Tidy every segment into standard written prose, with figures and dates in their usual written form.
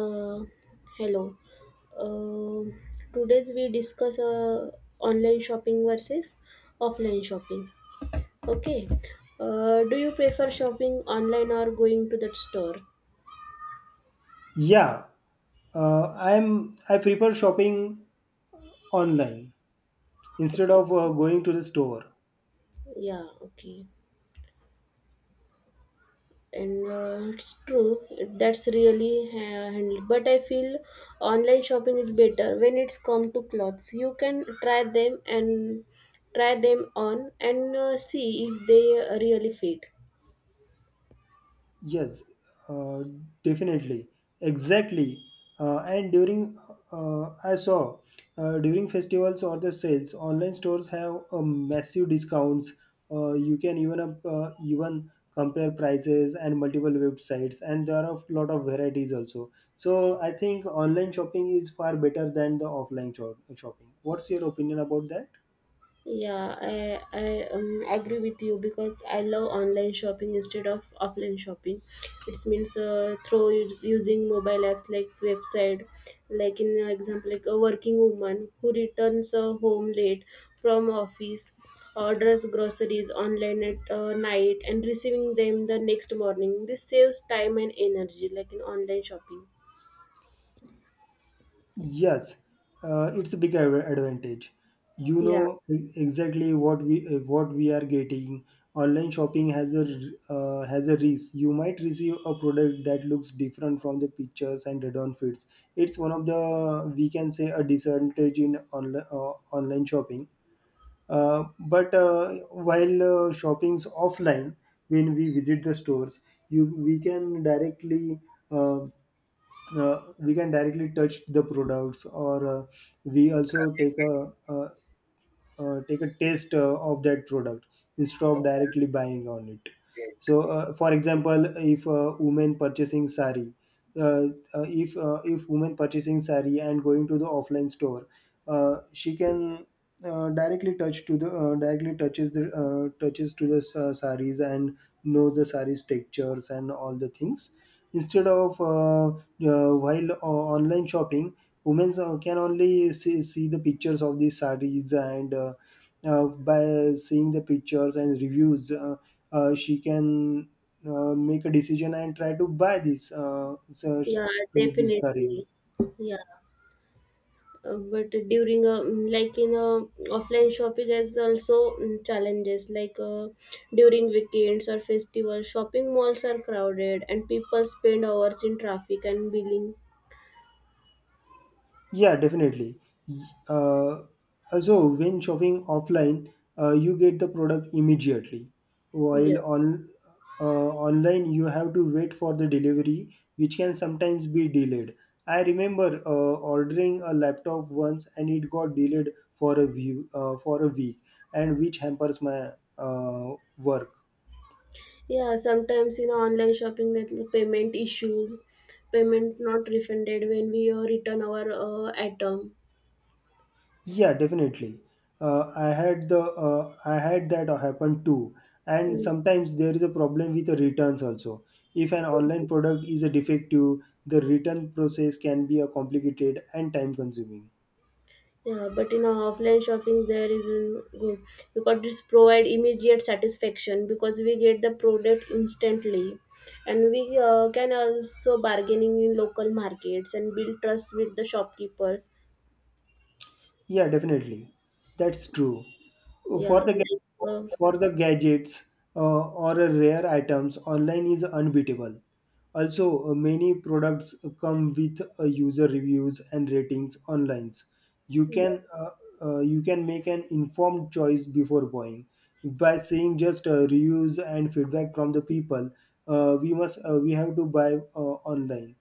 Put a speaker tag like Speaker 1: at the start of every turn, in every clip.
Speaker 1: Uh, Hello. Um Today's we discuss online shopping versus offline shopping. Okay. Do you prefer shopping online or going to that store?
Speaker 2: Yeah, I prefer shopping online instead
Speaker 1: Okay.
Speaker 2: of going to the store.
Speaker 1: Yeah. Okay. And it's true. That's really handled. But I feel online shopping is better when it's come to clothes. You can try them and try them on and see if they really fit.
Speaker 2: Yes, uh, definitely, exactly. And I saw during festivals or the sales, online stores have massive discounts. You can even compare prices and multiple websites, and there are a lot of varieties also. So I think online shopping is far better than the offline shopping. What's your opinion about that?
Speaker 1: Yeah, I agree with you because I love online shopping instead of offline shopping. It means through using mobile apps like website, like in example, like a working woman who returns home late from office, orders groceries online at night and receiving them the next morning. This saves time and energy, like in online shopping.
Speaker 2: Yes, it's a big advantage. You
Speaker 1: Yeah,
Speaker 2: know exactly what we are getting. Online shopping has r- a risk. You might receive a product that looks different from the pictures and it don't fits. It's one of the we can say a disadvantage in online shopping. But while shopping's offline, when we visit the stores, you we can directly. Uh, we can directly touch the products or we also take a take a taste of that product instead of directly buying on it, so for example, if a woman purchasing sari uh, if woman purchasing sari and going to the offline store, she can directly touch to the directly touches the touches to the saris, and knows the saris textures and all the things instead of while online shopping, women can only see the pictures of these sarees, and by seeing the pictures and reviews, she can make a decision and try to buy
Speaker 1: yeah,
Speaker 2: this saree.
Speaker 1: definitely. Yeah. But during a like in a offline shopping has also challenges like during weekends or festivals shopping malls are crowded and people spend hours in traffic and billing.
Speaker 2: Yeah, definitely. Y- Uh, Also, when shopping offline, you get the product immediately,
Speaker 1: Yeah,
Speaker 2: while on online you have to wait for the delivery, which can sometimes be delayed. I remember ordering a laptop once, and it got delayed for a week, and which hampers my work.
Speaker 1: yeah, sometimes in online shopping that the payment issues, payment not refunded when we return our item.
Speaker 2: Yeah, definitely. I had that happen too. And sometimes there is a problem with the returns also. If an online product is a defective, the return process can be a complicated and time consuming.
Speaker 1: Yeah, but in a offline shopping there isn't good because this provide immediate satisfaction because we get the product instantly, and we can also bargaining in local markets and build trust with the shopkeepers.
Speaker 2: Yeah, definitely. That's true.
Speaker 1: Yeah,
Speaker 2: for the ga- for the gadgets or rare items, online is unbeatable. Also, many products come with user reviews and ratings online. You can you can make an informed choice before buying by seeing just reviews and feedback from the people. We have to buy online.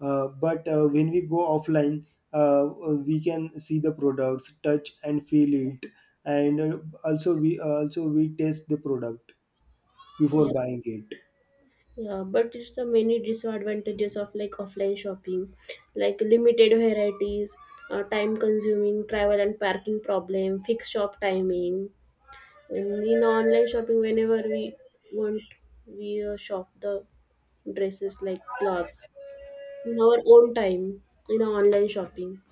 Speaker 2: But When we go offline, uh, we can see the products, touch and feel it, and also we test the product before
Speaker 1: yeah,
Speaker 2: buying it.
Speaker 1: yeah. But it's a many disadvantages of like offline shopping, like limited varieties, time consuming, travel and parking problem, fixed shop timing. And in online shopping, whenever we want, we shop the dresses like clothes in our own time in our online shopping.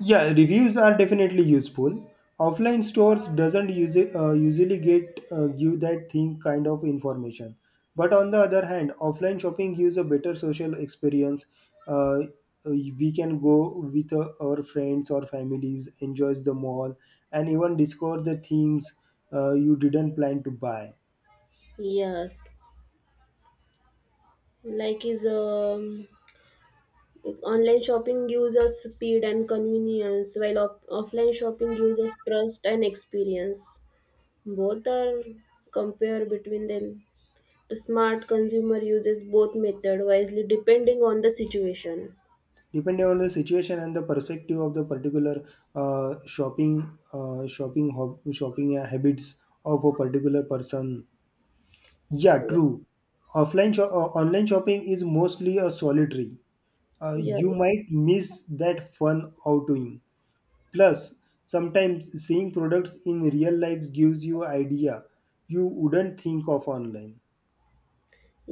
Speaker 2: Yeah, reviews are definitely useful. Offline stores doesn't usually, usually get give that thing kind of information. But on the other hand, offline shopping gives a better social experience. Uh, uh, we can go with our friends or families, enjoys the mall, and even discover the things you didn't plan to buy.
Speaker 1: Yes, like is online shopping gives us speed and convenience, while offline shopping gives us trust and experience. Both are compare between them. The smart consumer uses both method wisely, depending on the situation.
Speaker 2: Depending on the situation and the perspective of the particular shopping habits of a particular person. Yeah, true. Online shopping is mostly a solitary. You
Speaker 1: Yes.
Speaker 2: might miss that fun outing. Plus, sometimes seeing products in real life gives you idea you wouldn't think of online.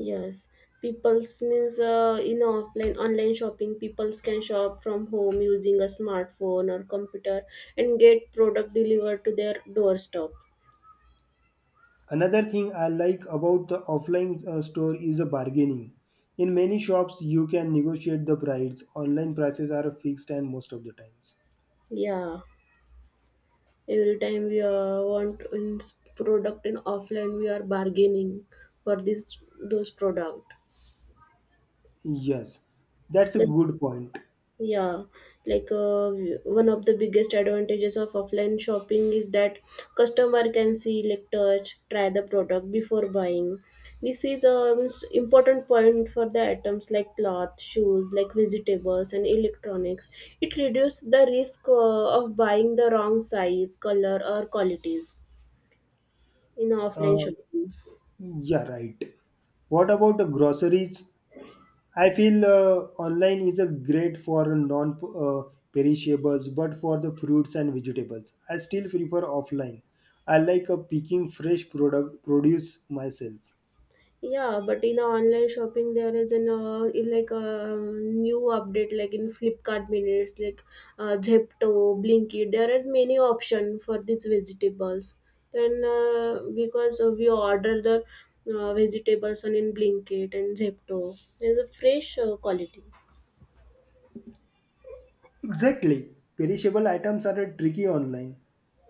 Speaker 1: Yes, people's means in offline online shopping, people's can shop from home using a smartphone or computer and get product delivered to their doorstep.
Speaker 2: Another thing I like about the offline store is a bargaining. In many shops, you can negotiate the price. Online prices are fixed and most of the times.
Speaker 1: Yeah, every time we want in product in offline, we are bargaining for this those product.
Speaker 2: Yes, that's a
Speaker 1: Like.
Speaker 2: good point.
Speaker 1: Yeah, like uh, one of the biggest advantages of offline shopping is that customer can see, like touch, try the product before buying. This is an important point for the items like cloth, shoes, like vegetables and electronics. It reduces the risk of buying the wrong size, color or qualities in offline
Speaker 2: Uh,
Speaker 1: shopping.
Speaker 2: Yeah, right. What about the groceries? I feel online is a great for non perishables, but for the fruits and vegetables, I still prefer offline. I like picking fresh product produce myself.
Speaker 1: Yeah, but in online shopping there is an in like a new update like in Flipkart minutes like Zepto, Blinkit. There are many option for these vegetables. Then because we order the vegetables on in Blinkit and Zepto, there's a fresh quality.
Speaker 2: Exactly. Perishable items are a tricky online.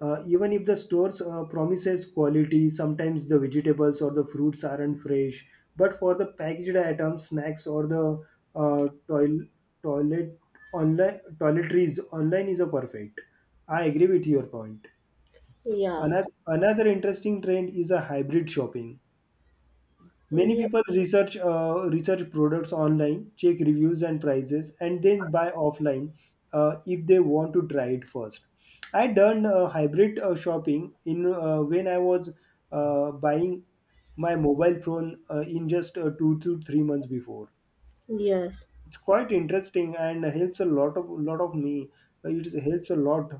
Speaker 2: Even if the stores promises quality, sometimes the vegetables or the fruits aren't fresh. But for the packaged items, snacks, or the toil- toilet online toiletries, online is a perfect. I agree with your point.
Speaker 1: Yeah,
Speaker 2: Another interesting trend is a hybrid shopping. Many
Speaker 1: yeah,
Speaker 2: people research products online, check reviews and prices, and then buy offline if they want to try it first. I done hybrid shopping in when I was buying my mobile phone in just 2 to 3 months before.
Speaker 1: yes.
Speaker 2: It's quite interesting and helps a lot of me. Helps a lot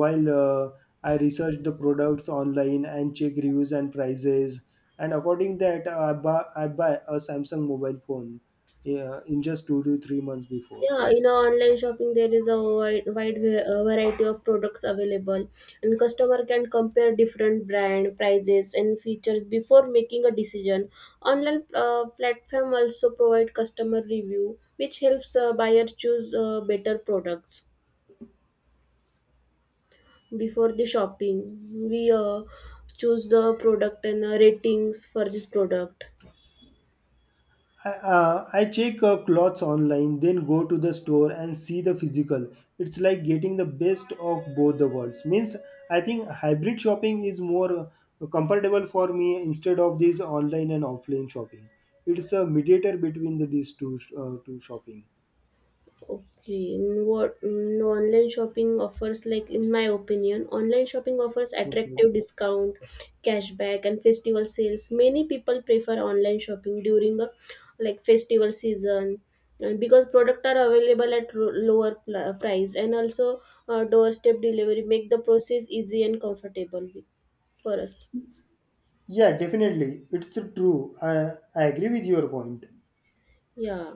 Speaker 2: while I research the products online and check reviews and prices, and according that I buy a Samsung mobile phone, yeah, in just 2 to 3 months before.
Speaker 1: Yeah, in our online shopping, there is a wide variety of products available, and customer can compare different brand prices and features before making a decision. Online platform also provide customer review, which helps buyer choose better products before the shopping. We choose the product and ratings for this product.
Speaker 2: I check clothes online, then go to the store and see the physical. It's like getting the best of both the worlds. Means I think hybrid shopping is more comfortable for me, instead of this online and offline shopping. It's a mediator between these two two shopping.
Speaker 1: Okay, in what in online shopping offers, like in my opinion, online shopping offers
Speaker 2: What's the-
Speaker 1: attractive discount, cashback, and festival sales. Many people prefer online shopping during a like festival season and because product are available at lower price and also doorstep delivery make the process easy and comfortable for us.
Speaker 2: Yeah, definitely, it's true. I agree with your point.
Speaker 1: Yeah.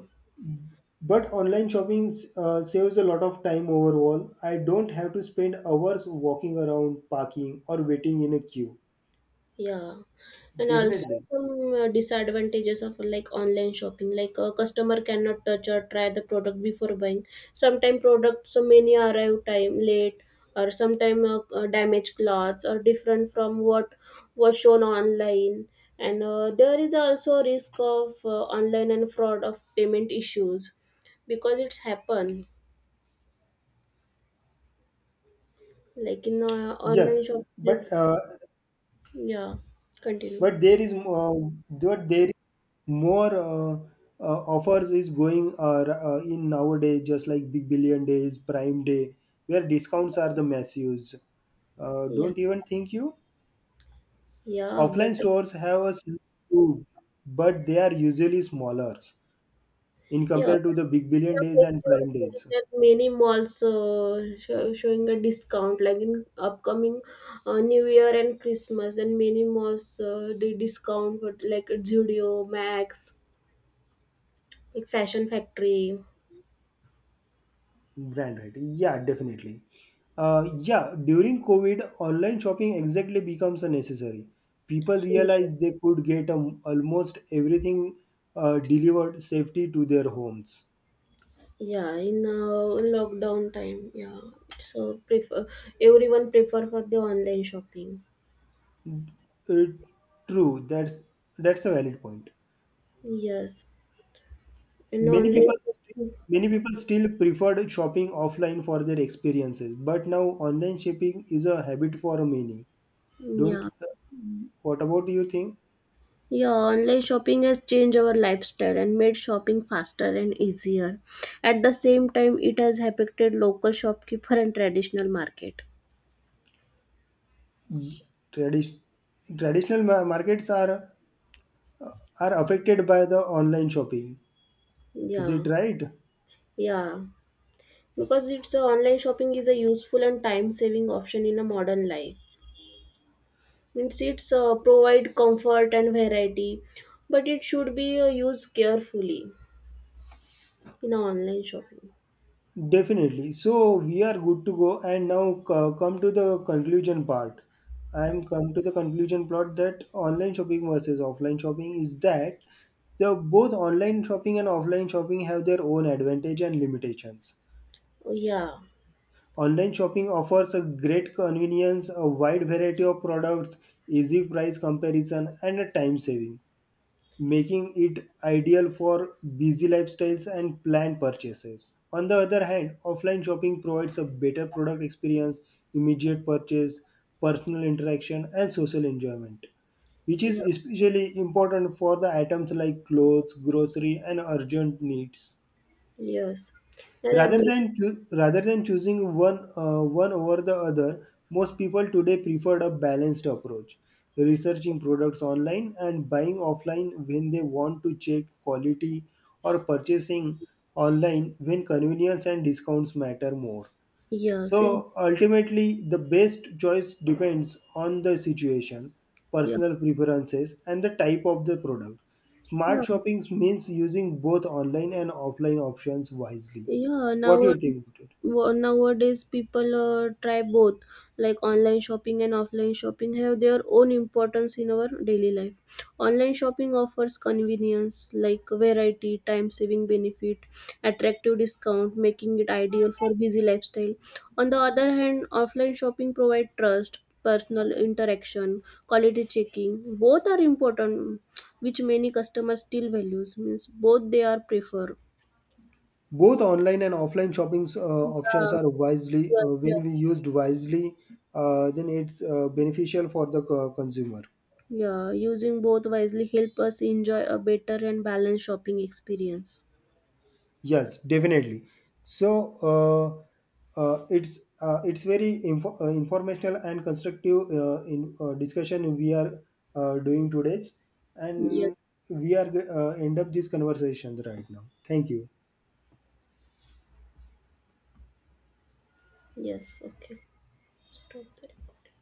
Speaker 2: But online shopping saves a lot of time overall. I don't have to spend hours walking around, parking, or waiting in a queue.
Speaker 1: Yeah, and also
Speaker 2: Definitely.
Speaker 1: some disadvantages of like online shopping. Like a customer cannot touch or try the product before buying. Sometimes products so many arrive time late, or sometimes damaged clothes or different from what was shown online. And there is also risk of online and fraud of payment issues because it's happen. Like in
Speaker 2: Yes,
Speaker 1: online shop,
Speaker 2: but
Speaker 1: yes, yeah. Continue.
Speaker 2: but there is uh, but there is more offers is going in nowadays, just like Big Billion Days, Prime Day, where discounts are the massive.
Speaker 1: Yeah,
Speaker 2: Don't even think you.
Speaker 1: yeah,
Speaker 2: Offline
Speaker 1: but
Speaker 2: stores have a similar too, but they are usually smaller, in
Speaker 1: yeah. You know,
Speaker 2: compared to the Big Billion Days and
Speaker 1: festival
Speaker 2: Prime
Speaker 1: season
Speaker 2: Days.
Speaker 1: and many malls showing a discount like in upcoming new year and Christmas and many malls the discount but like at Zudio, Max like fashion factory.
Speaker 2: Brand right. Yeah, definitely. uh, yeah, during COVID, online shopping exactly becomes a necessary. People realized they could get almost everything delivered safety to their homes.
Speaker 1: Yeah in lockdown time, yeah, so prefer everyone prefer for the online shopping.
Speaker 2: Uh, True. That's a valid point.
Speaker 1: Yes, and
Speaker 2: many
Speaker 1: online
Speaker 2: people st-
Speaker 1: shopping,
Speaker 2: Many people still preferred shopping offline for their experiences, but now online shopping is a habit for many. Don't
Speaker 1: yeah.
Speaker 2: What about you think?
Speaker 1: Yeah, online shopping has changed our lifestyle and made shopping faster and easier. At the same time, it has affected local shopkeeper and traditional market.
Speaker 2: Tradition Traditional ma- markets are affected by the online shopping. Is
Speaker 1: Yeah,
Speaker 2: it right?
Speaker 1: yeah. Because it's online shopping is a useful and time saving option in a modern life. Means it's provide comfort and variety, but it should be used carefully in online shopping.
Speaker 2: Definitely. So we are good to go, and now co- come to the conclusion part. I am come to the conclusion plot that online shopping versus offline shopping is that the both online shopping and offline shopping have their own advantage and limitations.
Speaker 1: Yeah,
Speaker 2: Online shopping offers a great convenience, a wide variety of products, easy price comparison, and a time saving, making it ideal for busy lifestyles and planned purchases. On the other hand, offline shopping provides a better product experience, immediate purchase, personal interaction, and social enjoyment, which is
Speaker 1: yeah,
Speaker 2: especially important for the items like clothes, grocery, and urgent needs.
Speaker 1: yes. There are
Speaker 2: Rather
Speaker 1: many.
Speaker 2: than choo- rather than choosing one one over the other, most people today preferred a balanced approach, researching products online and buying offline when they want to check quality, or purchasing online when convenience and discounts matter more.
Speaker 1: Yes, it,
Speaker 2: So ultimately, the best choice depends on the situation,
Speaker 1: yeah,
Speaker 2: personal preferences, and the type of the product.
Speaker 1: yeah.
Speaker 2: Smart shopping means using both online and offline options wisely.
Speaker 1: Yeah,
Speaker 2: What do you
Speaker 1: nowadays,
Speaker 2: think about it?
Speaker 1: nowadays people try both, like online shopping and offline shopping have their own importance in our daily life. Online shopping offers convenience, like variety, time saving benefit, attractive discount, making it ideal for busy lifestyle. On the other hand, offline shopping provide trust, personal interaction, quality checking. Both are important, which many customers still values. Means both they are prefer.
Speaker 2: Both online and offline shopping options
Speaker 1: Yeah,
Speaker 2: are wisely,
Speaker 1: yes,
Speaker 2: when
Speaker 1: yes.
Speaker 2: we used wisely, then it's beneficial for the consumer.
Speaker 1: Yeah, using both wisely help us enjoy a better and balanced shopping experience.
Speaker 2: Yes, definitely. So it's very informational and constructive in discussion we are doing today's, and
Speaker 1: Yes.
Speaker 2: we are end up these conversations right now. Thank you.
Speaker 1: Yes, okay. Stop the recording.